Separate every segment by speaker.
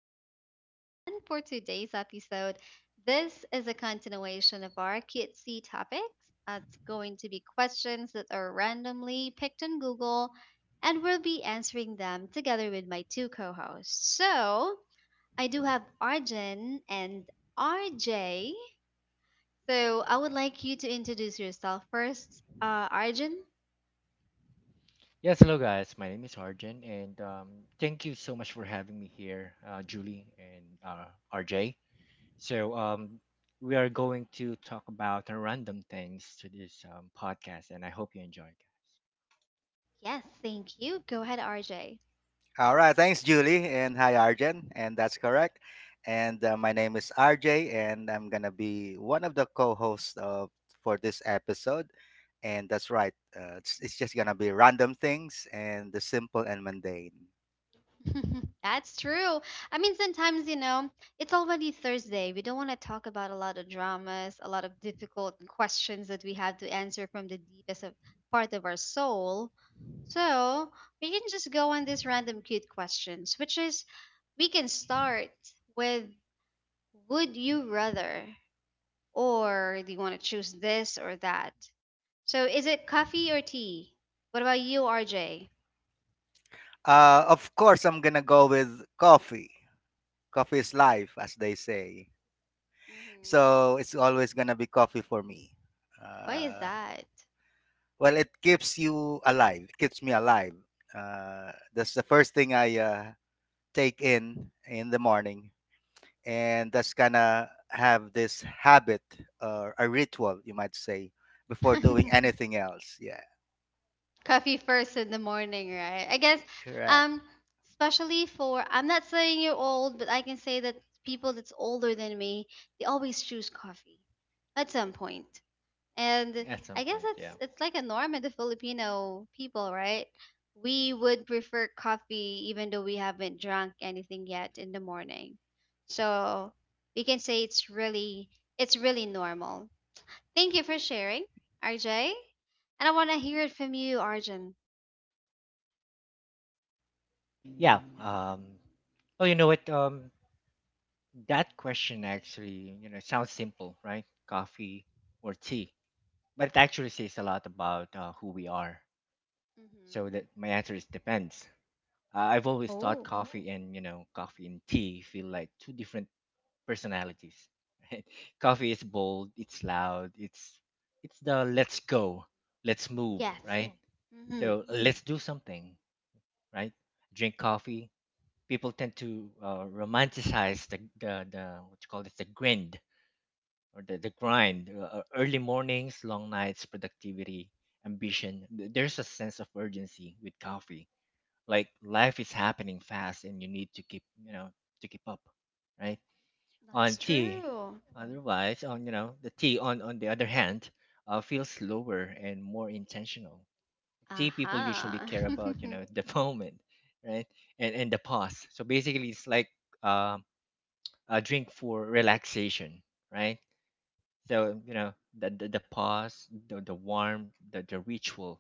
Speaker 1: Leah S. And for today's episode, this is a continuation of our cutesy topics. It's going to be questions that are randomly picked on Google, and we'll be answering them together with my two co hosts. So, I do have Arjun and RJ. So, I would like you to introduce yourself first. Arjun?
Speaker 2: Yes, hello guys. My name is Arjun, and thank you so much for having me here, Julie and RJ. So um, we are going to talk about random things to this podcast, and I hope you enjoy, guys.
Speaker 1: Yes, thank you. Go ahead, RJ.
Speaker 3: All right, thanks, Julie, and hi, Arjen, and that's correct. And My name is RJ, and I'm gonna be one of the co-hosts of for this episode. And that's right, it's just gonna be random things and the simple and mundane.
Speaker 1: That's true. I mean, sometimes, it's already Thursday. We don't want to talk about a lot of dramas, a lot of difficult questions that we have to answer from the deepest of part of our soul. So we can just go on these random cute questions, which is we can start with would you rather, or do you want to choose this or that? So is it coffee or tea? What about you, RJ?
Speaker 3: Of course, I'm gonna go with coffee. Coffee is life, as they say.
Speaker 1: hmm
Speaker 3: So it's always gonna be coffee for me.
Speaker 1: Why is
Speaker 3: Uh,
Speaker 1: that?
Speaker 3: well, it keeps you alive. It keeps me alive. That's the first thing I take in the morning, and that's gonna have this habit, or a ritual you might say, before doing anything else. Yeah,
Speaker 1: Coffee first in the morning, right? I guess,
Speaker 3: correct.
Speaker 1: um, especially for I'm not saying you're old, but I can say that people that's older than me, they always choose coffee at some point. And
Speaker 2: At some
Speaker 1: I guess
Speaker 2: point, yeah,
Speaker 1: it's like a norm in the Filipino people, right? We would prefer coffee even though we haven't drunk anything yet in the morning. So we can say it's really normal. Thank you for sharing, RJ. And I want to hear it from you, Arjun.
Speaker 2: yeah. Oh, you know what? That question actually, you know, sounds simple, right? Coffee or tea, but it actually says a lot about who we are. So that
Speaker 1: Mm-hmm.
Speaker 2: my answer is depends. I've always thought
Speaker 1: Oh,
Speaker 2: coffee and you know coffee and tea feel like two different personalities. Right? Coffee is bold, it's loud, it's the let's go, let's move,
Speaker 1: yes.
Speaker 2: right? Mm.
Speaker 1: Mm-hmm.
Speaker 2: So let's do something, right? Drink coffee. People tend to romanticize the what you call this the grind or the grind, early mornings, long nights, productivity, ambition. There's a sense of urgency with coffee like life is happening fast and you need to keep you know to keep up, right. On
Speaker 1: That's
Speaker 2: tea,
Speaker 1: true.
Speaker 2: otherwise on you know the tea on the other hand feels slower and more intentional. Tea people usually
Speaker 1: Aha.
Speaker 2: care about you know the moment, right, and the pause. So basically it's like um a drink for relaxation, right. So you know the pause, the warmth, the ritual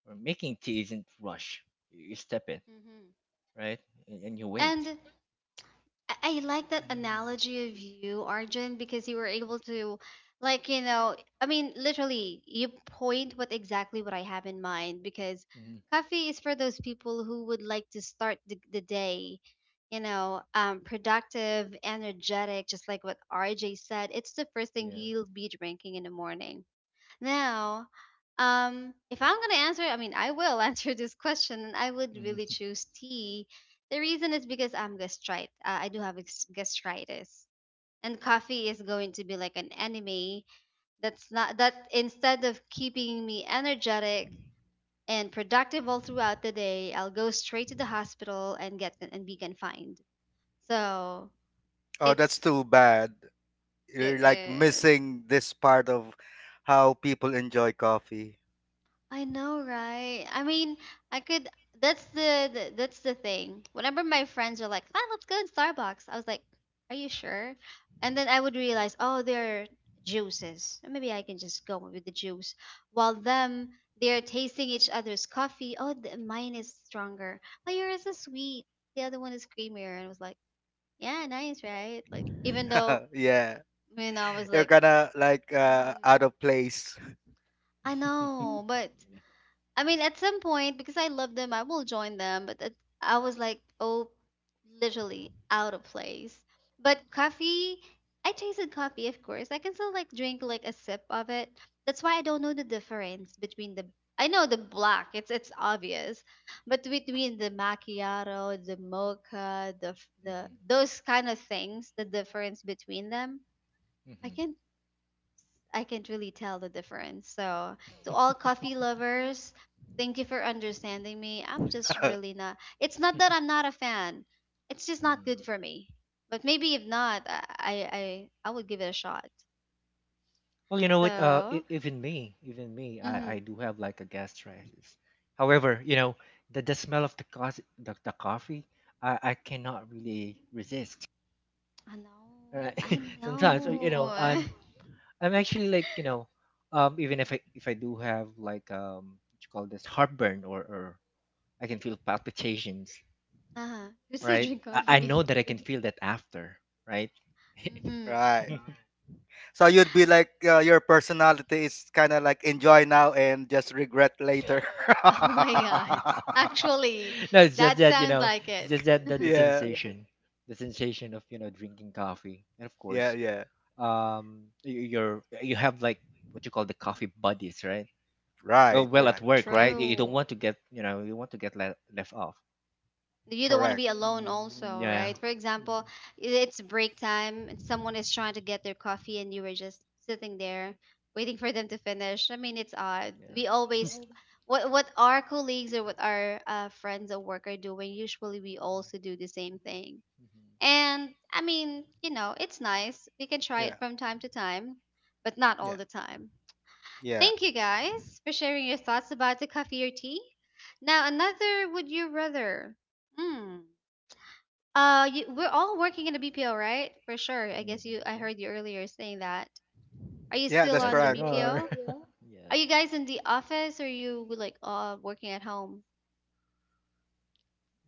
Speaker 2: or making tea isn't rush. You step it,
Speaker 1: hmm
Speaker 2: right, and you wait.
Speaker 1: And I like that
Speaker 2: Mhm.
Speaker 1: analogy of you, Arjun, because you were able to, like, you know, I mean, literally, you point what exactly what I have in mind because
Speaker 2: Mhm.
Speaker 1: coffee is for those people who would like to start the day, productive, energetic, just like what RJ said. It's the first thing
Speaker 2: Yeah.
Speaker 1: he'll be drinking in the morning. Now, if I'm gonna answer, I mean, I will answer this question, and I would really
Speaker 2: Mhm.
Speaker 1: choose tea. The reason is because I'm gastrite. I do have gastritis, and coffee is going to be like an enemy. That's not that instead of keeping me energetic and productive all throughout the day, I'll go straight to the hospital and get and be confined. So
Speaker 3: Oh, that's
Speaker 1: it's
Speaker 3: too bad.
Speaker 1: it
Speaker 3: You're like
Speaker 1: is.
Speaker 3: missing this part of how people enjoy coffee.
Speaker 1: I know, right? I mean, I could. That's the that's the thing. Whenever my friends are like, "Ah, let's go to Starbucks," I was like, "Are you sure?" And then I would realize, oh, they're juices. Maybe I can just go with the juice. While them, they're tasting each other's coffee. Oh, mine is stronger. Oh, yours is sweet. The other one is creamier. And I was like, "Yeah, nice, right?" Like, even though,
Speaker 3: Yeah,
Speaker 1: I was
Speaker 3: you're
Speaker 1: like,
Speaker 3: gonna like
Speaker 1: mm,
Speaker 3: out of place.
Speaker 1: "I
Speaker 2: Mm.
Speaker 1: know," but
Speaker 2: Yeah.
Speaker 1: I mean, at some point, because I love them, I will join them. I was like, oh, literally out of place. But coffee, I tasted coffee, of course. I can still like drink like a sip of it. That's why I don't know the difference between the. I know the black, it's obvious, but between the macchiato, the mocha, the
Speaker 2: Mhm.
Speaker 1: those kind of things, the difference between them, I
Speaker 2: Mhm.
Speaker 1: can I can't really tell the difference. So, to all coffee lovers, thank you for understanding me. I'm just really not. It's not that I'm not a fan. It's just not
Speaker 2: Mhm.
Speaker 1: good for me. But maybe if not, I would give it a shot.
Speaker 2: Well, you know what?
Speaker 1: So,
Speaker 2: Even me, even me,
Speaker 1: mm-hmm.
Speaker 2: I do have like a gastritis. However, you know, the smell of the coffee, the coffee, I cannot really resist.
Speaker 1: I know,
Speaker 2: Right?
Speaker 1: I
Speaker 2: Sometimes, Mhm. You know,
Speaker 1: know.
Speaker 2: I'm actually like, you know, even if I do have like what you call this heartburn or I can feel palpitations.
Speaker 1: You still
Speaker 2: Right?
Speaker 1: drink
Speaker 2: I
Speaker 1: coffee?
Speaker 2: know that I can feel that after, right?
Speaker 1: hmm
Speaker 3: Right,
Speaker 2: No,
Speaker 3: so you'd be like, your personality is kind of like enjoy now and just regret later.
Speaker 1: Oh my god! Actually,
Speaker 2: it's just
Speaker 1: that
Speaker 2: that you
Speaker 1: sounds
Speaker 2: know,
Speaker 1: like it.
Speaker 2: just that the, the
Speaker 3: yeah
Speaker 2: sensation, the sensation of you know drinking coffee, and of
Speaker 3: yeah
Speaker 2: course,
Speaker 3: yeah
Speaker 2: you're you have like what you call the coffee buddies, right? Well,
Speaker 3: Right,
Speaker 2: well, at
Speaker 3: right.
Speaker 2: work, right? You don't
Speaker 1: True.
Speaker 2: want to get you know you want to get left off.
Speaker 1: You don't want to
Speaker 3: Correct.
Speaker 1: be alone
Speaker 2: Mhm.
Speaker 1: also,
Speaker 2: Yeah.
Speaker 1: right? For example,
Speaker 2: Mhm.
Speaker 1: it's break time and someone is trying to get their coffee and you were just sitting there waiting for them to finish. I mean, it's odd,
Speaker 2: Yeah.
Speaker 1: we always what our colleagues or what our friends at work are doing, usually we
Speaker 2: Mhm.
Speaker 1: also do the same thing.
Speaker 2: Mhm.
Speaker 1: And I mean, you know, it's nice, we can try it
Speaker 3: Yeah,
Speaker 1: from time to time, but not all
Speaker 3: yeah,
Speaker 1: the time.
Speaker 3: yeah.
Speaker 1: Thank you guys for sharing your thoughts about the coffee or tea. Now another would you rather. hmm you, we're all working in the BPO, right? For sure. I guess
Speaker 2: Mhm.
Speaker 1: you, I
Speaker 2: Yeah.
Speaker 1: heard you earlier saying that. Are you
Speaker 3: Yeah,
Speaker 1: still
Speaker 3: that's
Speaker 1: on
Speaker 2: Yes,
Speaker 1: the
Speaker 2: we
Speaker 3: correct.
Speaker 2: are.
Speaker 1: BPO?
Speaker 2: Yeah.
Speaker 1: Are you guys in the office or you like working at home?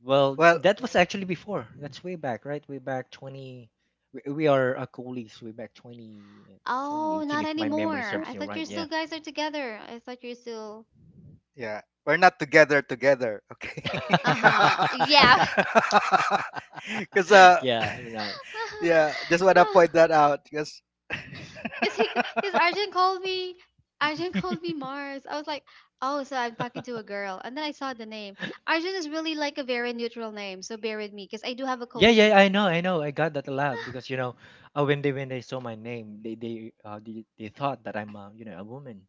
Speaker 2: Well,
Speaker 3: Well,
Speaker 2: that was actually before. That's way back, right? Way back 20. We are colleagues way back 20,
Speaker 1: Oh,
Speaker 2: 2018,
Speaker 1: not
Speaker 2: if my memory
Speaker 1: anymore.
Speaker 2: serves
Speaker 1: I
Speaker 2: me
Speaker 1: thought
Speaker 2: right.
Speaker 1: you
Speaker 2: Yeah.
Speaker 1: still guys are together. I thought you're still.
Speaker 3: yeah. We're not together together,
Speaker 2: Mhm.
Speaker 3: okay?
Speaker 1: Uh-huh. Yeah.
Speaker 3: Because, uh,
Speaker 2: Yeah, we're not.
Speaker 3: yeah, just want to
Speaker 1: No.
Speaker 3: point that out.
Speaker 1: Cause he, cause Arjun called me, Arjun called me Mars. I was like, oh, so I'm talking to a girl. And then I saw the name. Arjun is really like a very neutral name, so bear with me, because I do have a
Speaker 2: Yeah,
Speaker 1: colleague.
Speaker 2: yeah, I know, I know. I got that a lot because you know, when they saw my name, they thought that I'm you know a woman.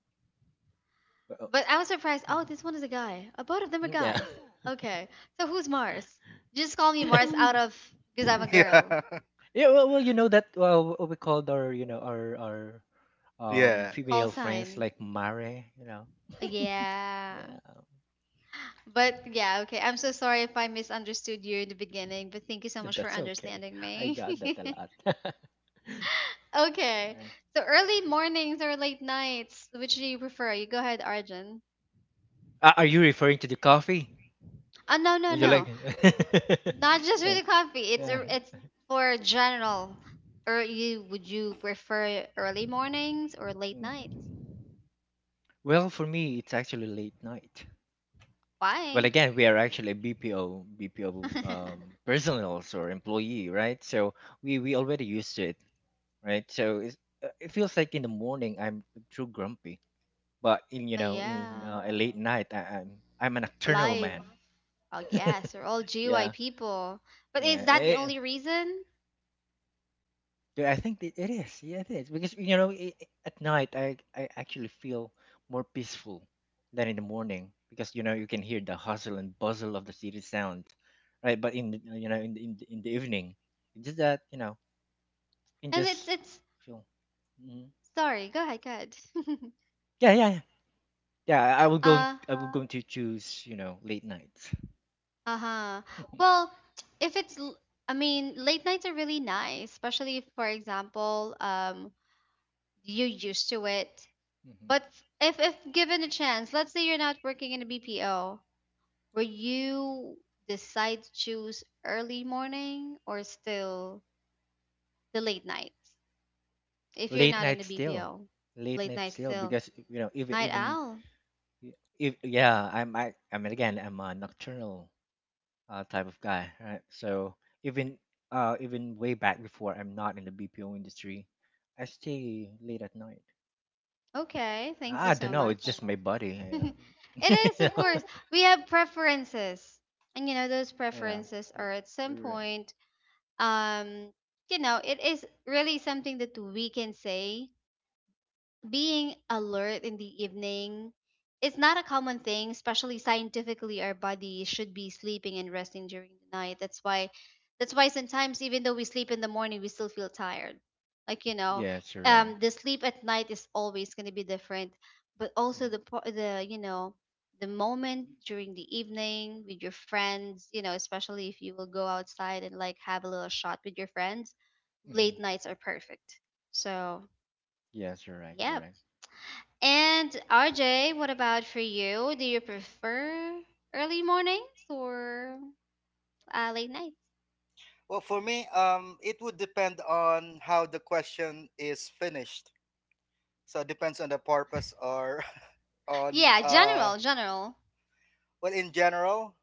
Speaker 2: But,
Speaker 1: But I was surprised. Oh,
Speaker 2: mhm.
Speaker 1: this one is a guy. Both of them are
Speaker 2: Mm, yeah.
Speaker 1: guys. Okay. So who's Mars? Just call me Mars out of because I'm a girl.
Speaker 3: yeah,
Speaker 2: Yeah, well, well, you know that what we called our, you know, our
Speaker 3: yeah.
Speaker 1: Call
Speaker 2: female friends
Speaker 1: sign.
Speaker 2: like Mare, you know.
Speaker 1: Yeah.
Speaker 2: Yeah,
Speaker 1: But yeah, okay. I'm so sorry if I misunderstood you in the beginning, but thank you so much for
Speaker 2: that's okay.
Speaker 1: understanding
Speaker 2: I
Speaker 1: me.
Speaker 2: got that a lot. Alright.
Speaker 1: Okay. So early mornings or late nights, which do you prefer? You go ahead, Arjun.
Speaker 2: Are you referring to the coffee?
Speaker 1: Oh, no, no,
Speaker 2: Would you like?
Speaker 1: no. Not just with
Speaker 2: Right.
Speaker 1: the coffee.
Speaker 2: Yeah.
Speaker 1: It's for general. Or you would you prefer early mornings or late
Speaker 2: Hmm.
Speaker 1: nights?
Speaker 2: Well, for me, it's actually late night. Well,
Speaker 1: Why?
Speaker 2: again, we are actually BPO, BPO
Speaker 1: But
Speaker 2: personals or employee, right? So we already used to it, right? So it's, it feels like in the morning I'm too grumpy but in you know in
Speaker 1: yeah,
Speaker 2: a late night, I'm I'm a nocturnal
Speaker 1: alive.
Speaker 2: man.
Speaker 1: I guess we're all gy
Speaker 2: Yeah,
Speaker 1: people. But
Speaker 2: yeah.
Speaker 1: is that the
Speaker 2: I,
Speaker 1: only reason?
Speaker 2: I think it is. Yeah, it is because you know I at night I actually feel more peaceful than in the morning because you know you can hear the hustle and bustle of the city sound, right? But you know in the evening, it's just that you know you can
Speaker 1: And
Speaker 2: just
Speaker 1: it's
Speaker 2: feel. Mhm.
Speaker 1: sorry. Go ahead. Go ahead.
Speaker 2: Yeah, yeah, yeah. Yeah, I will go.
Speaker 1: uh
Speaker 2: I will going to choose you know late nights.
Speaker 1: uh huh. Well, if it's l- I mean late nights are really nice, especially if, for example, you're used to it.
Speaker 2: Mhm.
Speaker 1: But if given a chance, let's say you're not working in a BPO, will you decide to choose early morning or still the late night? If you're
Speaker 2: Late
Speaker 1: not in the
Speaker 2: night still,
Speaker 1: BPO,
Speaker 2: late
Speaker 1: late
Speaker 2: night
Speaker 1: night
Speaker 2: still,
Speaker 1: still.
Speaker 2: because you know even
Speaker 1: Night
Speaker 2: even
Speaker 1: owl.
Speaker 2: if yeah I mean again I'm a nocturnal type of guy, right? So even even way back before I'm not in the bpo industry I stay late at night.
Speaker 1: Okay, thank you
Speaker 2: I don't
Speaker 1: so
Speaker 2: know, it's
Speaker 1: much.
Speaker 2: just my body.
Speaker 1: It is,
Speaker 2: Yeah.
Speaker 1: of course. We have preferences. And you know, those
Speaker 2: You know?
Speaker 1: preferences
Speaker 2: Yeah,
Speaker 1: are at some
Speaker 2: you're, you're right.
Speaker 1: point, um, you know, it is really something that we can say being alert in the evening is not a common thing, especially scientifically our body should be sleeping and resting during the night. That's why sometimes even though we sleep in the morning we still feel tired. Like, you know,
Speaker 2: Yes you're right.
Speaker 1: the sleep at night is always going to be different, but also the
Speaker 2: Hmm.
Speaker 1: po- the you know, the moment during the evening with your friends, you know, especially if you will go outside and like have a little shot with your friends,
Speaker 2: Hmm.
Speaker 1: late nights are perfect. So,
Speaker 2: Yes you're right, you're
Speaker 1: yeah.
Speaker 2: right.
Speaker 1: And RJ, what about for you? Do you prefer early mornings or late nights?
Speaker 3: Well, for me, it would depend on how the question is finished. So it depends on the purpose or on
Speaker 1: Yeah, general, general.
Speaker 3: well, in general,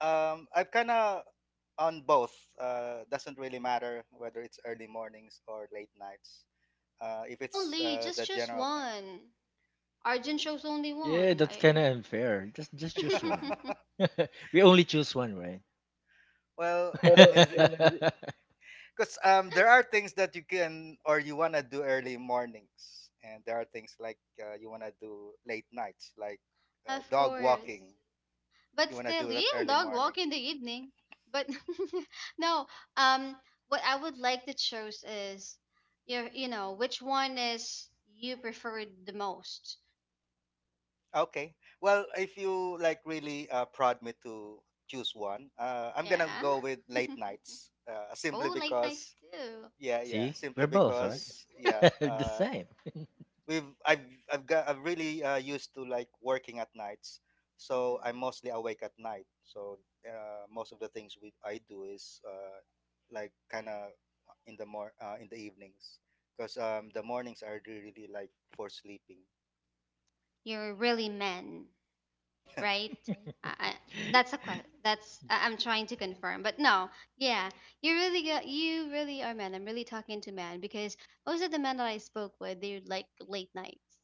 Speaker 3: I've kind of on both. Doesn't really matter whether it's early mornings or late nights. If
Speaker 1: But
Speaker 3: it's
Speaker 1: only, just
Speaker 3: the
Speaker 1: choose
Speaker 3: general thing.
Speaker 1: one. Arjun chose only
Speaker 2: Yeah,
Speaker 1: one.
Speaker 2: that's
Speaker 1: I...
Speaker 2: kind of unfair, just choose one. We only choose one, right?
Speaker 3: Well,
Speaker 2: Pero
Speaker 3: let me,
Speaker 2: kung nag
Speaker 3: because there are things that you can or you wanna do early mornings, and there are things like, you wanna do late nights, like
Speaker 1: Of
Speaker 3: dog
Speaker 1: course.
Speaker 3: walking.
Speaker 1: But
Speaker 3: You wanna
Speaker 1: still,
Speaker 3: do that
Speaker 1: you and
Speaker 3: early
Speaker 1: dog
Speaker 3: morning.
Speaker 1: walk in the evening. But no, um, what I would like to choose is, your, you know, which one is you prefer the most?
Speaker 3: Okay. Well, if you like really prod me to choose one, I'm gonna
Speaker 1: Yeah.
Speaker 3: go with late nights. Simply
Speaker 1: Oh, late nights
Speaker 3: because,
Speaker 1: too.
Speaker 3: yeah, yeah.
Speaker 2: see, we're
Speaker 3: Simply
Speaker 2: both right.
Speaker 3: because, yeah.
Speaker 2: The same.
Speaker 3: We've I've got I've really used to like working at nights, so I'm
Speaker 1: hmm
Speaker 3: mostly awake at night. So most of the things we I do is like kind of in the mor in the evenings, because the mornings are really really, like for sleeping.
Speaker 1: You're really men, right? I, I, that's a question. That's I'm trying to confirm, but no, yeah, you really are men. I'm really talking to men because most of the men that I spoke with, they like late nights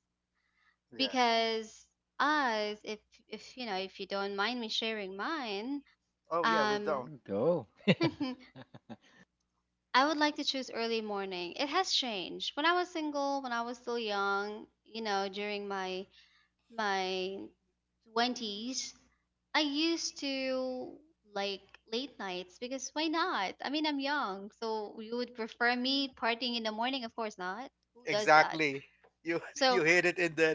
Speaker 3: Yeah.
Speaker 1: because us, if you know, if you don't mind me sharing mine,
Speaker 3: Oh yeah, we
Speaker 1: um.
Speaker 3: don't.
Speaker 2: Sure, go.
Speaker 1: I would like to choose early morning. It has changed. When I was single, when I was still young, you know, during my 20s, I used to like late nights because why not? I mean, I'm young, so you would prefer me partying in the morning? Of course not. Who does that?
Speaker 3: Exactly. You
Speaker 1: So
Speaker 3: you hit it in the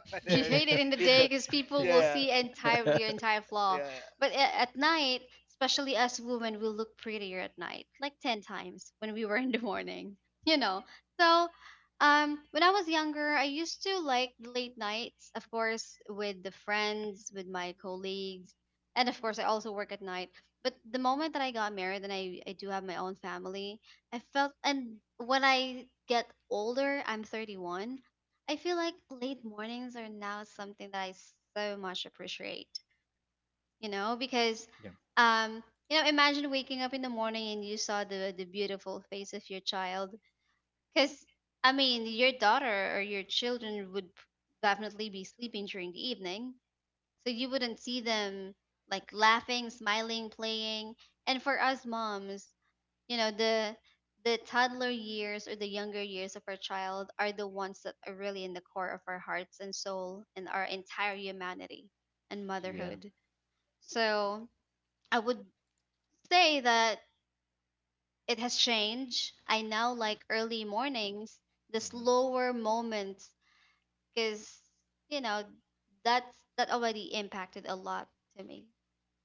Speaker 1: you hate it in the
Speaker 3: hit
Speaker 1: day
Speaker 3: the
Speaker 1: because people will
Speaker 3: yeah,
Speaker 1: see entire your entire flaw,
Speaker 3: yeah.
Speaker 1: but at night, especially us women, we look prettier at night like 10 times when we were in the morning you know. So when I was younger I used to like late nights, of course with the friends, with my colleagues, and of course I also work at night. But the moment that I got married and I do have my own family, I felt, and when I get older, I'm 31, I feel like late mornings are now something that I so much appreciate, you know, because
Speaker 2: Yeah.
Speaker 1: um, you know, imagine waking up in the morning and you saw the beautiful face of your child cuz I mean, your daughter or your children would definitely be sleeping during the evening, so you wouldn't see them like laughing, smiling, playing. And for us moms, the toddler years or the younger years of our child are the ones that are really in the core of our hearts and soul and our entire humanity and
Speaker 2: Yeah.
Speaker 1: motherhood. So I would say that it has changed. I now like early mornings, the
Speaker 2: Mhm.
Speaker 1: slower moments, because you know that's that already impacted a lot to me.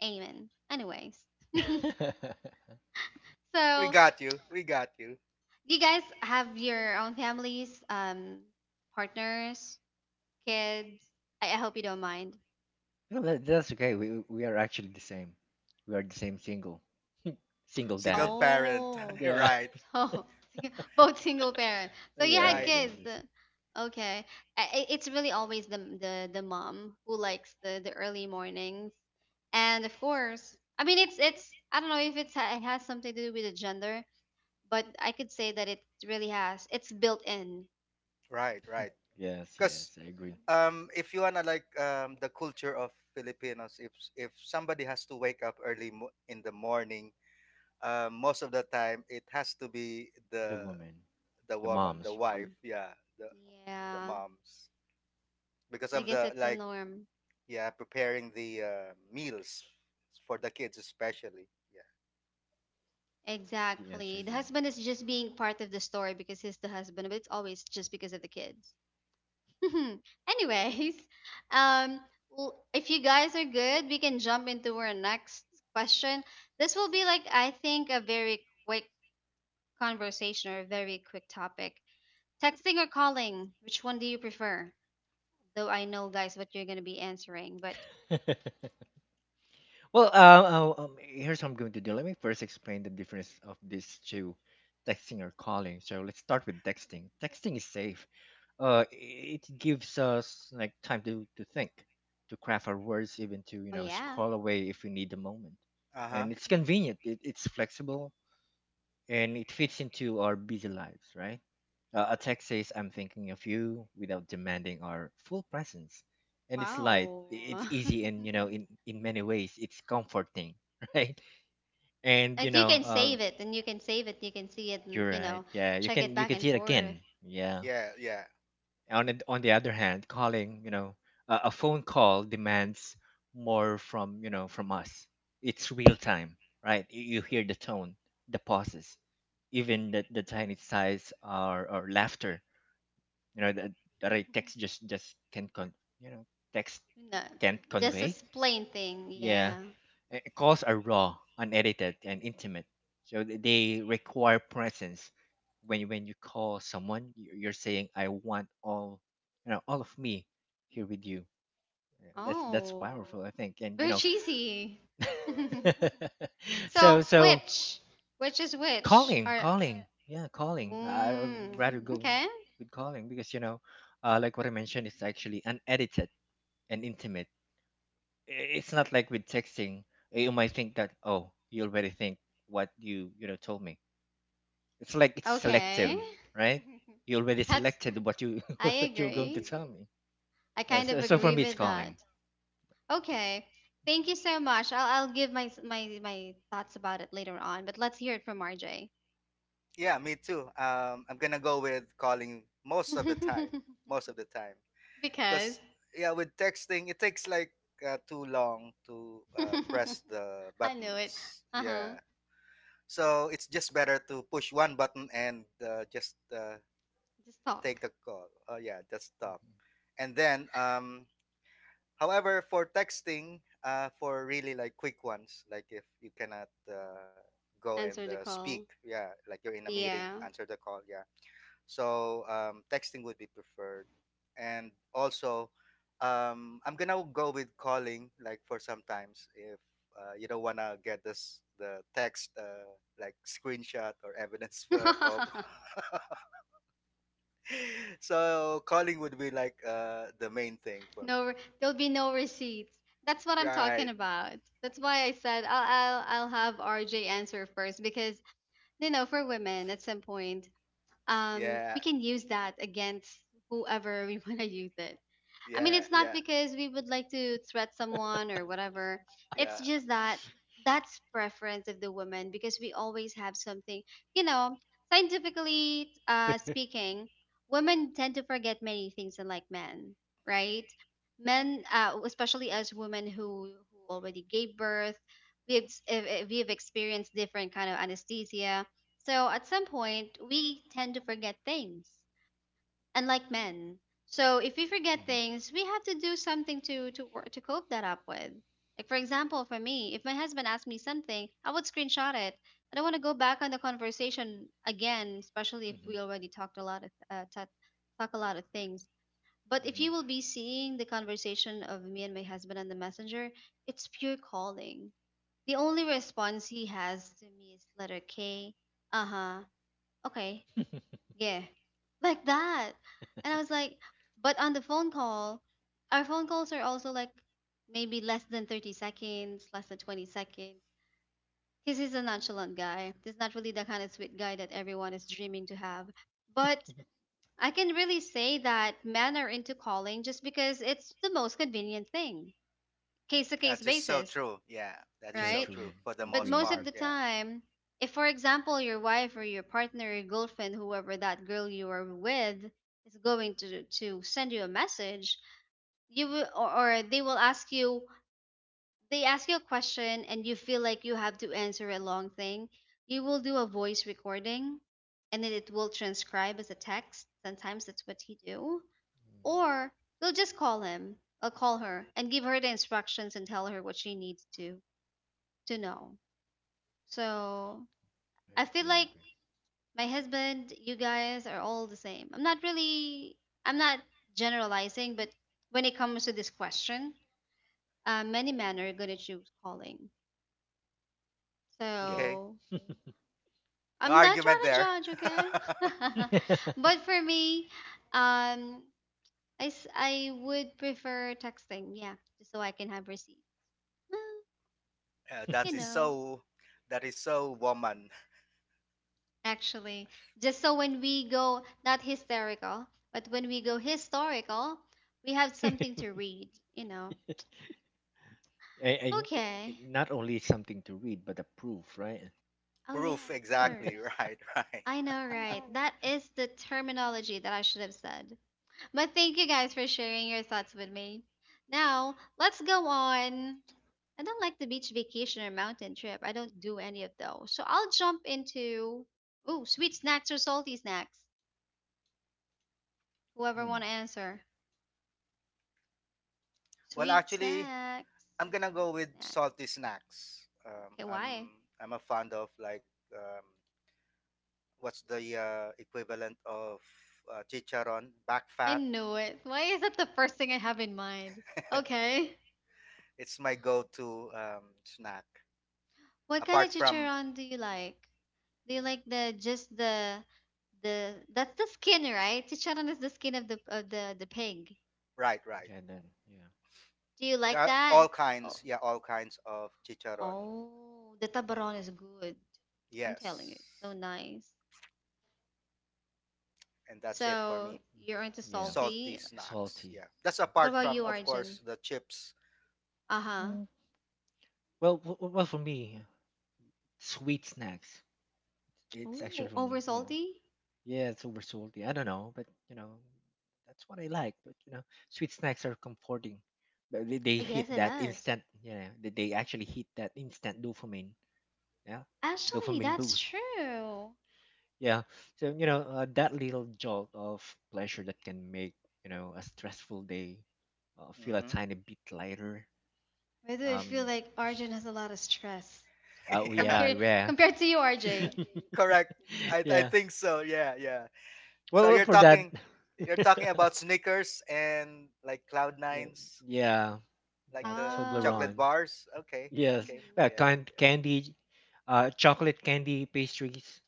Speaker 1: Amen, anyways.
Speaker 3: We
Speaker 1: so
Speaker 3: got you. We got you.
Speaker 1: You guys have your own families, partners, kids. I hope you don't mind.
Speaker 2: No, that, that's okay. We are actually the same. We are the same single, single
Speaker 3: Single
Speaker 2: dad.
Speaker 3: parent.
Speaker 1: Oh,
Speaker 2: Yeah.
Speaker 3: right.
Speaker 1: so sing- Both single parent. So you had
Speaker 2: Yes.
Speaker 3: Right.
Speaker 2: Yes.
Speaker 1: kids.
Speaker 2: Yes.
Speaker 1: Okay. It's really always the mom who likes the early mornings, and of course, I mean it's I don't know if it has something to do with the gender, but I could say that it really has. It's built in.
Speaker 3: Right. Right.
Speaker 2: Yes.
Speaker 3: Because
Speaker 2: Yes. I agree.
Speaker 3: if you wanna like the culture of Filipinos, if somebody has to wake up early in the morning, most of the time it has to be
Speaker 2: The
Speaker 3: the
Speaker 2: woman,
Speaker 3: the
Speaker 2: the
Speaker 3: woman,
Speaker 1: The
Speaker 3: the
Speaker 2: moms.
Speaker 3: wife.
Speaker 1: mom.
Speaker 3: Yeah. The
Speaker 1: Yeah.
Speaker 3: moms because
Speaker 1: I
Speaker 3: of
Speaker 1: guess
Speaker 3: the
Speaker 1: it's a
Speaker 3: like,
Speaker 1: norm.
Speaker 3: yeah, preparing the meals for the kids especially. Yeah.
Speaker 2: Yes, I
Speaker 1: Exactly. The
Speaker 2: agree.
Speaker 1: husband is just being part of the story because he's the husband, but it's always just because of the kids. Anyways, um, if you guys are good, we can jump into our next question. This will be like, I think, a very quick conversation or a very quick topic. Texting or calling, which one do you prefer? Though I know, guys, what you're going to be answering, but
Speaker 2: Well, here's how I'm going to do. Let me first explain the difference of these two, texting or calling. So let's start with texting. Texting is safe. It gives us like time to think, to craft our words, even to you
Speaker 1: oh,
Speaker 2: know
Speaker 1: yeah.
Speaker 2: scroll away if we need a moment,
Speaker 3: Uh-huh.
Speaker 2: and it's
Speaker 1: Mhm.
Speaker 2: convenient. It's flexible and it fits into our busy lives, right? A text says, I'm thinking of you without demanding our full presence. And it's light,
Speaker 1: Wow.
Speaker 2: it's easy, and you know, in, in many ways, it's comforting, right? And you
Speaker 1: And you
Speaker 2: know,
Speaker 1: can save it, and you can save it, you can see it, and
Speaker 2: you're right. Yeah,
Speaker 1: check it
Speaker 2: you
Speaker 1: back
Speaker 2: can
Speaker 1: and
Speaker 2: see it
Speaker 1: forth.
Speaker 2: again. Yeah.
Speaker 3: Yeah,
Speaker 2: On the other hand calling you know a phone call demands more from you know from us. It's real time, right? You hear the tone, the pauses, even the tiny sighs or laughter, you know, that, that I text just can con you know text
Speaker 1: No,
Speaker 2: can't
Speaker 1: just a
Speaker 2: convey.
Speaker 1: plain thing.
Speaker 2: Yeah.
Speaker 1: Yeah.
Speaker 2: Uh, calls are raw, unedited, and intimate. So they require presence. When you call someone, you're saying, "I want all, you know, all of me here with you." That's
Speaker 1: Oh,
Speaker 2: powerful, I think. And you
Speaker 1: very
Speaker 2: know,
Speaker 1: cheesy. so
Speaker 2: so so
Speaker 1: which, which is which?
Speaker 2: calling, calling, yeah, calling. I would
Speaker 1: Mm,
Speaker 2: rather go
Speaker 1: okay,
Speaker 2: with calling because you know, like what I mentioned, it's actually unedited and intimate. It's not like with texting, eh, you might think that oh you already think what you know told me. It's like it's
Speaker 1: okay.
Speaker 2: selective, right? You already
Speaker 1: That's
Speaker 2: selected what you
Speaker 1: I
Speaker 2: what you're going to
Speaker 1: agree.
Speaker 2: tell me.
Speaker 1: I
Speaker 2: Uh,
Speaker 1: kind
Speaker 2: so,
Speaker 1: of
Speaker 2: so for
Speaker 1: agree
Speaker 2: me it's
Speaker 1: with
Speaker 2: calling.
Speaker 1: that. Okay. Thank you so much. I'll give my s- my thoughts about it later on, but let's hear it from RJ.
Speaker 3: yeah me too. I'm gonna go with calling most of the time, most of the time,
Speaker 1: Because
Speaker 3: because, yeah, with texting it takes like too long to press the
Speaker 1: I know it.
Speaker 3: buttons.
Speaker 1: Uh huh.
Speaker 3: Yeah, so it's just better to push one button and just
Speaker 1: Just talk.
Speaker 3: take the call. Oh yeah, just stop.
Speaker 2: Hmm.
Speaker 3: And then However, for texting, for really like quick ones, like if you cannot go and
Speaker 1: Answer the
Speaker 3: speak,
Speaker 1: call.
Speaker 3: yeah, like you're in a meeting,
Speaker 1: Yeah.
Speaker 3: answer the call, yeah. So texting would be preferred, and also I'm gonna go with calling, like for sometimes if you don't wanna get this the text, like screenshot or evidence for of. So calling would be like the main thing for me.
Speaker 1: no, re- There'll be no receipts. That's what I'm talking
Speaker 3: Right.
Speaker 1: about. That's why I said I'll have RJ answer first because for women at some point, we
Speaker 3: Yeah.
Speaker 1: can use that against whoever we want to use it. I mean,
Speaker 3: Yeah,
Speaker 1: it's not
Speaker 3: yeah.
Speaker 1: because we would like to threat someone or whatever. It's
Speaker 3: Yeah,
Speaker 1: just that that's preference of the woman because we always have something, you know, scientifically speaking, women tend to forget many things unlike men, right? Men, especially as women who already gave birth, we've, s- eh, eh, we've experienced different kind of anesthesia. So at some point, we tend to forget things unlike men. So if we forget things, we have to do something to cope that up with. Like for example, for me, if my husband asked me something, I would screenshot it. I don't want to go back on the conversation again, especially
Speaker 2: Hmm.
Speaker 1: if
Speaker 2: Hmm.
Speaker 1: we already talked a lot of talk a lot of things. But if
Speaker 2: Hmm.
Speaker 1: you will be seeing the conversation of me and my husband on the messenger, it's pure calling. The only response he has to me is letter K. Uh huh. Okay. Yeah, like that. And I was like, but on the phone call, our phone calls are also like maybe less than 30 seconds, less than 20 seconds. Because he's a nonchalant guy. He's not really the kind of sweet guy that everyone is dreaming to have. But I can really say that men are into calling just because it's the most convenient thing, case to case
Speaker 3: that is so
Speaker 1: basis,
Speaker 3: true. Yeah, that is
Speaker 2: So
Speaker 3: so
Speaker 1: right?
Speaker 2: true. Yeah,
Speaker 3: true for
Speaker 2: I
Speaker 3: the
Speaker 1: But
Speaker 2: agree,
Speaker 3: most
Speaker 1: most of
Speaker 2: agree.
Speaker 1: the
Speaker 3: part. Yeah.
Speaker 1: time, if for example your wife or your partner, your girlfriend, whoever that girl you are with is going to send you a message, you will, or they ask you a question and you feel like you have to answer a long thing, you will do a voice recording and then it will transcribe as a text. Sometimes that's what he do.
Speaker 2: Mm,
Speaker 1: Or you'll just call him or call her and give her the instructions and tell her what she needs to know. So
Speaker 2: I
Speaker 1: I feel
Speaker 2: agree, I
Speaker 1: like
Speaker 2: agree.
Speaker 1: my husband, you guys are all the same. I'm not really, I'm not generalizing, but when it comes to this question, many men are gonna choose calling.
Speaker 2: Yeah.
Speaker 3: Okay.
Speaker 1: So
Speaker 3: No
Speaker 1: I'm not trying
Speaker 3: argument
Speaker 1: to
Speaker 3: there.
Speaker 1: judge, okay?
Speaker 2: and,
Speaker 1: But for me, um, I would prefer texting, yeah, just so I can have receipt.
Speaker 3: Yeah,
Speaker 1: You
Speaker 3: that is
Speaker 1: know,
Speaker 3: so. That is so woman
Speaker 1: Actually, just so when we go not hysterical but when we go historical, we have something to read you know
Speaker 2: and it, it
Speaker 1: okay,
Speaker 2: not only something to read but a proof, right.
Speaker 1: oh yeah,
Speaker 3: proof.
Speaker 1: of
Speaker 3: Exactly.
Speaker 1: course.
Speaker 3: Right. Right.
Speaker 1: I know, right? That is the terminology that I should have said, but thank you guys for sharing your thoughts with me. Now let's go on. I don't like the beach vacation or mountain trip. I don't do any of those, so I'll jump into oh, sweet snacks or salty snacks, whoever
Speaker 2: Mm.
Speaker 1: want to answer.
Speaker 3: Well,
Speaker 1: Sweet
Speaker 3: actually,
Speaker 1: snacks
Speaker 3: I'm
Speaker 1: or
Speaker 3: gonna go
Speaker 1: salty
Speaker 3: with
Speaker 1: snacks.
Speaker 3: salty snacks.
Speaker 1: Okay, why?
Speaker 3: I'm a fond of like um, what's the equivalent of chicharon back
Speaker 1: I
Speaker 3: fat.
Speaker 1: know it. Why is that the first thing I have in mind? Okay.
Speaker 3: It's my go-to snack,
Speaker 1: What kind of
Speaker 3: apart from,
Speaker 1: chicharron do you like? Do you like the just the that's the skin, right? Chicharron is the skin of the pig.
Speaker 3: right, right.
Speaker 2: Yeah then yeah.
Speaker 1: Do you
Speaker 3: There
Speaker 1: like
Speaker 3: are
Speaker 1: that?
Speaker 3: all
Speaker 1: Oh,
Speaker 3: kinds, yeah, all kinds of chicharron.
Speaker 1: oh, the tabaron is good. I'm telling you,
Speaker 3: Yes.
Speaker 1: it's so nice.
Speaker 3: And that's it for
Speaker 1: So
Speaker 3: me.
Speaker 1: you're into
Speaker 2: Yeah.
Speaker 3: Salty
Speaker 1: salty.
Speaker 3: snacks.
Speaker 2: Salty,
Speaker 3: Yeah. That's
Speaker 2: salty
Speaker 1: What
Speaker 3: apart
Speaker 1: about
Speaker 2: snack.
Speaker 3: from,
Speaker 1: you,
Speaker 3: of
Speaker 1: Arjun?
Speaker 3: course, the chips.
Speaker 1: Uh-huh.
Speaker 2: Mm. Well, well, for me, sweet snacks. It's
Speaker 1: Ooh,
Speaker 2: actually for
Speaker 1: over
Speaker 2: me, you know.
Speaker 1: salty?
Speaker 2: Yeah, it's over salty. I don't know, but you know, that's what I like. But you know, sweet snacks are comforting. But they
Speaker 1: Oh, yes,
Speaker 2: hit
Speaker 1: it
Speaker 2: that
Speaker 1: does.
Speaker 2: instant. Yeah, they actually hit that instant dopamine. Yeah,
Speaker 1: Actually,
Speaker 2: dopamine
Speaker 1: that's
Speaker 2: boost.
Speaker 1: true.
Speaker 2: Yeah. So you know, that little jolt of pleasure that can make you know a stressful day feel a
Speaker 3: Hmm.
Speaker 2: tiny bit lighter.
Speaker 1: Why do I feel
Speaker 2: Um.
Speaker 1: like Arjun has a lot of stress
Speaker 2: Uh, oh
Speaker 3: Yeah.
Speaker 2: yeah,
Speaker 1: compared
Speaker 2: yeah.
Speaker 1: compared to you, RJ?
Speaker 3: Correct. I, I
Speaker 2: Yeah.
Speaker 3: think so. Yeah, yeah.
Speaker 2: Well,
Speaker 3: So
Speaker 2: well,
Speaker 3: you're
Speaker 2: for that,
Speaker 3: talking you're talking about Snickers and like Cloud
Speaker 2: yeah,
Speaker 3: Nines,
Speaker 2: yeah,
Speaker 3: like
Speaker 2: that
Speaker 3: the
Speaker 1: Ah,
Speaker 3: chocolate
Speaker 2: Toblerone.
Speaker 3: bars. Okay.
Speaker 2: Yes,
Speaker 3: Okay.
Speaker 1: mm-hmm.
Speaker 3: Yeah.
Speaker 2: candy, chocolate candy pastries,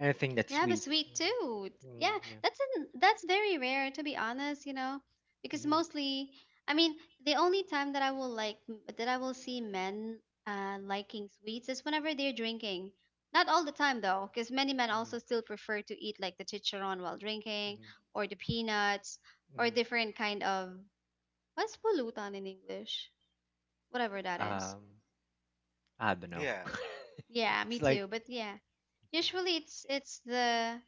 Speaker 2: anything that's
Speaker 1: Yeah, but
Speaker 2: sweet.
Speaker 1: sweet tooth.
Speaker 2: Mm, mm,
Speaker 1: Yeah,
Speaker 2: yeah.
Speaker 1: that's very rare to be honest, because
Speaker 2: Hmm.
Speaker 1: mostly, I mean, the only time that I will see men liking sweets is whenever they're drinking. Not all the time though, because many men
Speaker 2: Hmm.
Speaker 1: also still prefer to eat like the chicharon while drinking,
Speaker 2: Hmm.
Speaker 1: or the peanuts, or
Speaker 2: Hmm.
Speaker 1: different kind of what's pulutan in English, whatever that is.
Speaker 2: Um, I don't know.
Speaker 3: Yeah.
Speaker 1: Yeah, me
Speaker 2: It's like,
Speaker 1: too. But yeah, usually it's it's the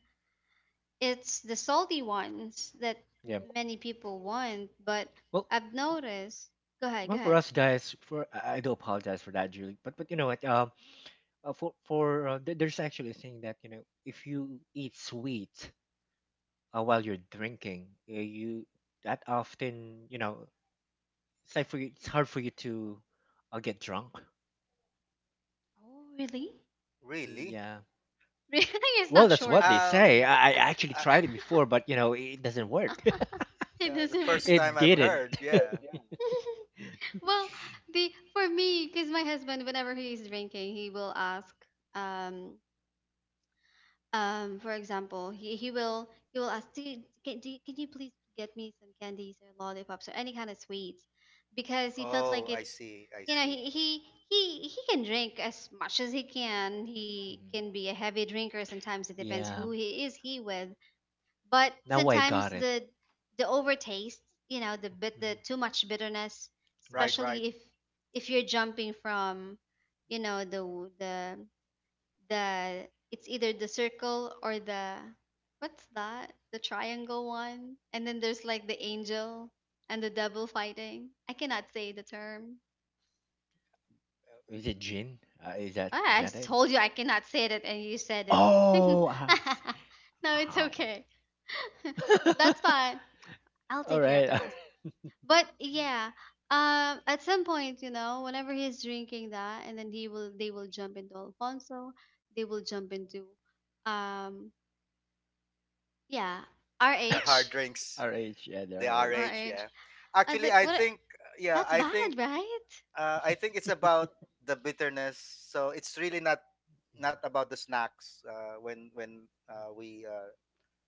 Speaker 1: It's the salty ones that
Speaker 2: yeah.
Speaker 1: many people want, but
Speaker 2: Well,
Speaker 1: I've noticed. Go ahead, go
Speaker 2: well, for
Speaker 1: ahead.
Speaker 2: us guys, for I do apologize for that, Julie. But you know what? For there's actually a thing that you know, if you eat sweet while you're drinking you that often you know it's like for you, it's hard for you to get drunk.
Speaker 1: Oh, really?
Speaker 2: Mm,
Speaker 3: Really?
Speaker 2: yeah.
Speaker 1: Really, it's
Speaker 2: Well
Speaker 1: not
Speaker 2: that's
Speaker 1: sure.
Speaker 2: what they say,
Speaker 3: Um
Speaker 2: I actually
Speaker 3: uh,
Speaker 2: tried it before but you know it doesn't work.
Speaker 1: It
Speaker 3: the
Speaker 1: doesn't
Speaker 3: first
Speaker 1: work.
Speaker 2: It
Speaker 3: time I've
Speaker 2: didn't.
Speaker 3: heard. Yeah.
Speaker 1: Well, the for me, because my husband, whenever he's drinking, he will ask, um, for example he will ask, can you please get me some candies or lollipops or any kind of sweets, because he felt like
Speaker 3: Oh,
Speaker 2: Mhm,
Speaker 3: I
Speaker 1: it's
Speaker 3: see. I
Speaker 1: you know
Speaker 3: see.
Speaker 1: he can drink as much as he can. He
Speaker 2: mhm.
Speaker 1: can be a heavy drinker, sometimes it depends
Speaker 2: Yeah,
Speaker 1: who he is he with. But
Speaker 2: now I
Speaker 1: sometimes
Speaker 2: got it.
Speaker 1: the overtaste, the
Speaker 2: Mhm,
Speaker 1: too much bitterness,
Speaker 3: Right,
Speaker 2: mhm.
Speaker 3: right.
Speaker 1: especially if you're jumping from you know the the the it's either the circle or the what's that? The triangle one. And then there's like the angel and the devil fighting. I cannot say the term.
Speaker 2: Is it gin? Is
Speaker 1: Ah, I
Speaker 2: that it?
Speaker 1: told you I cannot say it and you said it.
Speaker 2: Oh I see.
Speaker 1: No, it's
Speaker 2: Ow.
Speaker 1: okay. That's fine. I'll
Speaker 2: all
Speaker 1: take care of the
Speaker 2: right
Speaker 1: rest. But yeah, at some point, whenever he's drinking that, and then he will, they will jump into Alfonso. They will jump into, um, yeah,
Speaker 3: The hard
Speaker 1: RH,
Speaker 3: drinks,
Speaker 2: RH, yeah the
Speaker 3: the
Speaker 2: RH.
Speaker 3: RH,
Speaker 1: RH.
Speaker 3: yeah.
Speaker 1: I was
Speaker 3: Actually,
Speaker 1: like,
Speaker 3: I
Speaker 1: what?
Speaker 2: Mhm.
Speaker 3: think yeah,
Speaker 1: That's bad, right?
Speaker 3: I think it's about the bitterness. So it's really not,
Speaker 2: Mhm.
Speaker 3: not about the snacks, when we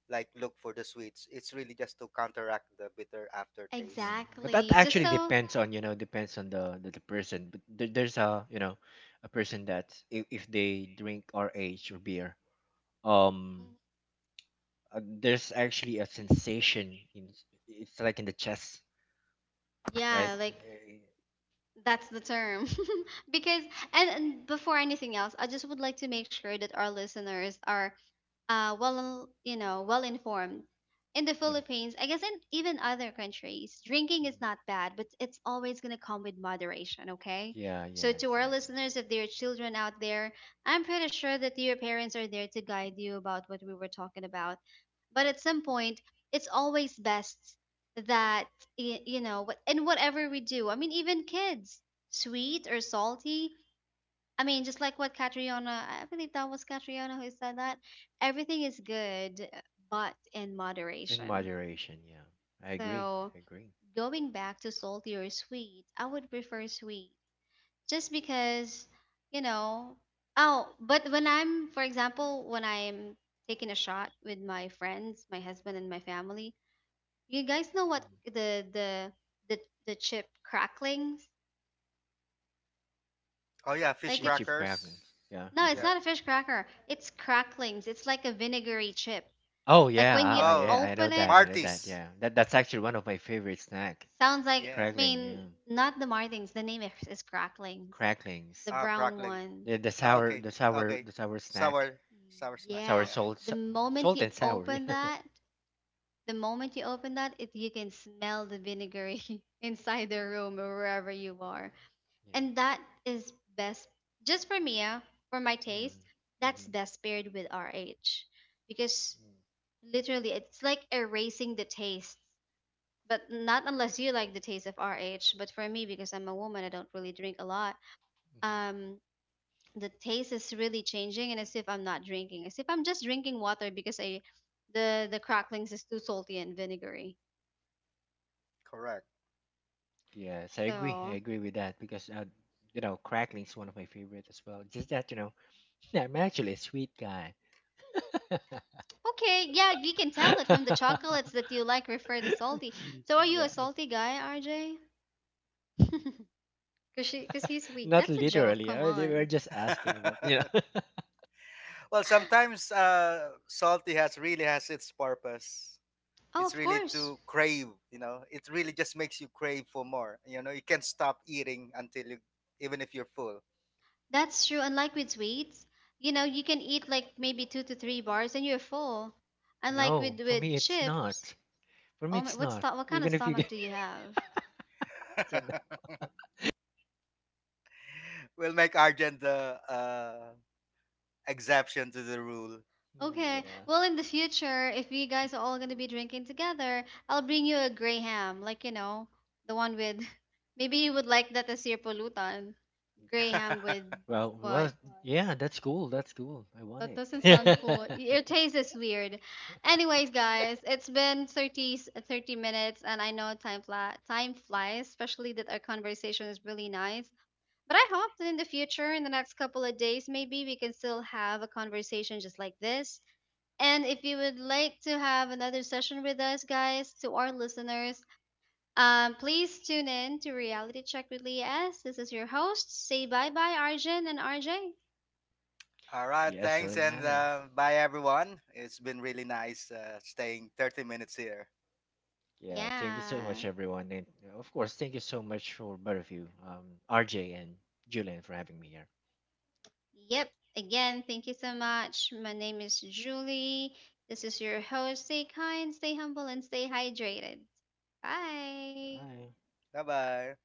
Speaker 3: like look for the sweets. It's really just to counteract the bitter aftertaste.
Speaker 2: Yeah, but that
Speaker 1: Exactly. Just
Speaker 2: actually
Speaker 3: Yeah.
Speaker 1: so,
Speaker 2: depends on you know depends on the person. But there, there's a you know a person that if they drink RH or beer, um,
Speaker 1: mhm,
Speaker 2: there's actually a sensation in it's like in the chest, right?
Speaker 1: yeah, like
Speaker 2: Eh,
Speaker 1: that's the term. Because, and before anything else, I just would like to make sure that our listeners are well, well informed. In the
Speaker 2: yeah.
Speaker 1: Philippines, I guess in even other countries, drinking is
Speaker 2: Mhm.
Speaker 1: not bad, but it's always going to come with moderation, okay?
Speaker 2: Yeah.
Speaker 1: So,
Speaker 2: Yes.
Speaker 1: to our
Speaker 2: Yes. Yes.
Speaker 1: listeners, if there are children out there, I'm pretty sure that your parents are there to guide you about what we were talking about. But at some point, it's always best that, in whatever we do, I mean, even kids, sweet or salty, I mean, just like what Catriona, I believe that was Catriona who said that everything is good, but in
Speaker 2: In
Speaker 1: moderation.
Speaker 2: moderation. Yeah. I agree.
Speaker 1: So,
Speaker 2: I agree.
Speaker 1: going back to salty or sweet, I would prefer sweet just because, you know, oh, but for example, when I'm taking a shot with my friends, my husband, and my family, you guys know what
Speaker 2: Mm.
Speaker 1: the, the, the chip cracklings?
Speaker 3: Oh yeah, fish
Speaker 1: Like
Speaker 2: Cheap,
Speaker 1: it's,
Speaker 2: cheap
Speaker 3: crackers.
Speaker 2: cravings. Yeah.
Speaker 1: no,
Speaker 2: Uh
Speaker 1: it's
Speaker 2: huh.
Speaker 3: Yeah.
Speaker 1: not a fish cracker. It's cracklings. It's like a vinegary chip.
Speaker 2: Oh
Speaker 1: Like when
Speaker 2: yeah.
Speaker 1: you
Speaker 2: Yeah.
Speaker 3: Oh,
Speaker 2: I know
Speaker 1: open it,
Speaker 2: that. I know that.
Speaker 3: Martis.
Speaker 2: Yeah. That that's actually one of my favorite snack.
Speaker 1: sounds like, I
Speaker 3: Yeah.
Speaker 2: Crackling.
Speaker 1: mean,
Speaker 2: Yeah.
Speaker 1: not the Martins, the name is cracklings. The
Speaker 2: Cracklings.
Speaker 3: Ah,
Speaker 1: brown
Speaker 3: crackling.
Speaker 1: one.
Speaker 2: The, the
Speaker 3: Ah,
Speaker 2: sour,
Speaker 3: okay.
Speaker 2: the sour,
Speaker 3: Okay.
Speaker 2: the sour snack,
Speaker 3: Sour Sour snacks,
Speaker 2: sour
Speaker 1: Yeah.
Speaker 3: yeah.
Speaker 2: salt,
Speaker 1: The
Speaker 2: sa-
Speaker 1: moment
Speaker 2: salt
Speaker 1: you
Speaker 2: and sour.
Speaker 1: open that, the moment you open that, it you can smell the vinegary inside the room or wherever you are.
Speaker 2: Yeah,
Speaker 1: And that is best just for me, for my
Speaker 2: yeah.
Speaker 1: taste,
Speaker 2: Hmm.
Speaker 1: that's
Speaker 2: Mm-hmm.
Speaker 1: best paired with RH. Because
Speaker 2: Mm-hmm.
Speaker 1: literally it's like erasing the taste, but not unless you like the taste of RH. But for me, because I'm a woman, I don't really drink a lot.
Speaker 2: Hmm.
Speaker 1: Um, the taste is really changing, and as if I'm not drinking, as if I'm just drinking water, because the cracklings is too salty and vinegary.
Speaker 3: Correct.
Speaker 2: Yes, I agree. I
Speaker 1: So
Speaker 2: agree with that because you know, crackling is one of my favorite as well. Just that you know, I'm actually a sweet guy.
Speaker 1: okay, yeah, you can tell it from the chocolates that you like refer to salty. So are you a
Speaker 2: Yeah,
Speaker 1: salty guy, RJ? Cause he's sweet.
Speaker 2: not
Speaker 1: That's a joke.
Speaker 2: literally.
Speaker 1: Come
Speaker 2: I, they were
Speaker 1: on.
Speaker 2: just asking about you know.
Speaker 3: Well, sometimes salty has really has its purpose.
Speaker 1: Oh,
Speaker 3: It's
Speaker 1: of
Speaker 3: really
Speaker 1: course.
Speaker 3: to crave, you know. It really just makes you crave for more. You know, you can't stop eating until you, even if you're full.
Speaker 1: That's true. Unlike with sweets, you can eat like maybe two to three bars and you're full. Unlike
Speaker 2: No,
Speaker 1: with
Speaker 2: for
Speaker 1: with
Speaker 2: me it's
Speaker 1: chips,
Speaker 2: not. For me
Speaker 1: oh my,
Speaker 2: it's not.
Speaker 1: what kind of
Speaker 2: Even if you
Speaker 1: stomach
Speaker 2: give
Speaker 1: do you have?
Speaker 2: me,
Speaker 3: We'll make Argent the exception to the rule.
Speaker 1: Okay,
Speaker 2: yeah.
Speaker 1: well, in the future, if you guys are all gonna be drinking together, I'll bring you a gray ham, like the one with. Maybe you would like that as your pollutant. Gray ham with
Speaker 2: Well,
Speaker 1: what?
Speaker 2: well, yeah, that's cool. That's cool. I want
Speaker 1: That doesn't sound cool.
Speaker 2: it.
Speaker 1: Your taste is weird. Anyways, guys, it's been 30 30 minutes, and I know time fly, time flies, especially that our conversation is really nice. But I hope that in the future, in the next couple of days, maybe we can still have a conversation just like this. And if you would like to have another session with us, guys, to our listeners, please tune in to Reality Check with Lee S. This is your host. Say bye bye, Arjun and RJ.
Speaker 3: All right,
Speaker 2: Yeah, so
Speaker 3: thanks and
Speaker 2: guys,
Speaker 3: bye everyone. It's been really nice staying 30 minutes here.
Speaker 2: yeah, thank you so much,
Speaker 1: Yeah.
Speaker 2: everyone, and of course, thank you so much for both of you, RJ and Julian, for having me here.
Speaker 1: Yep. Again, thank you so much. My name is Julie. This is your host. Stay kind, stay humble, and stay hydrated. Bye.
Speaker 2: Bye.
Speaker 3: Bye bye.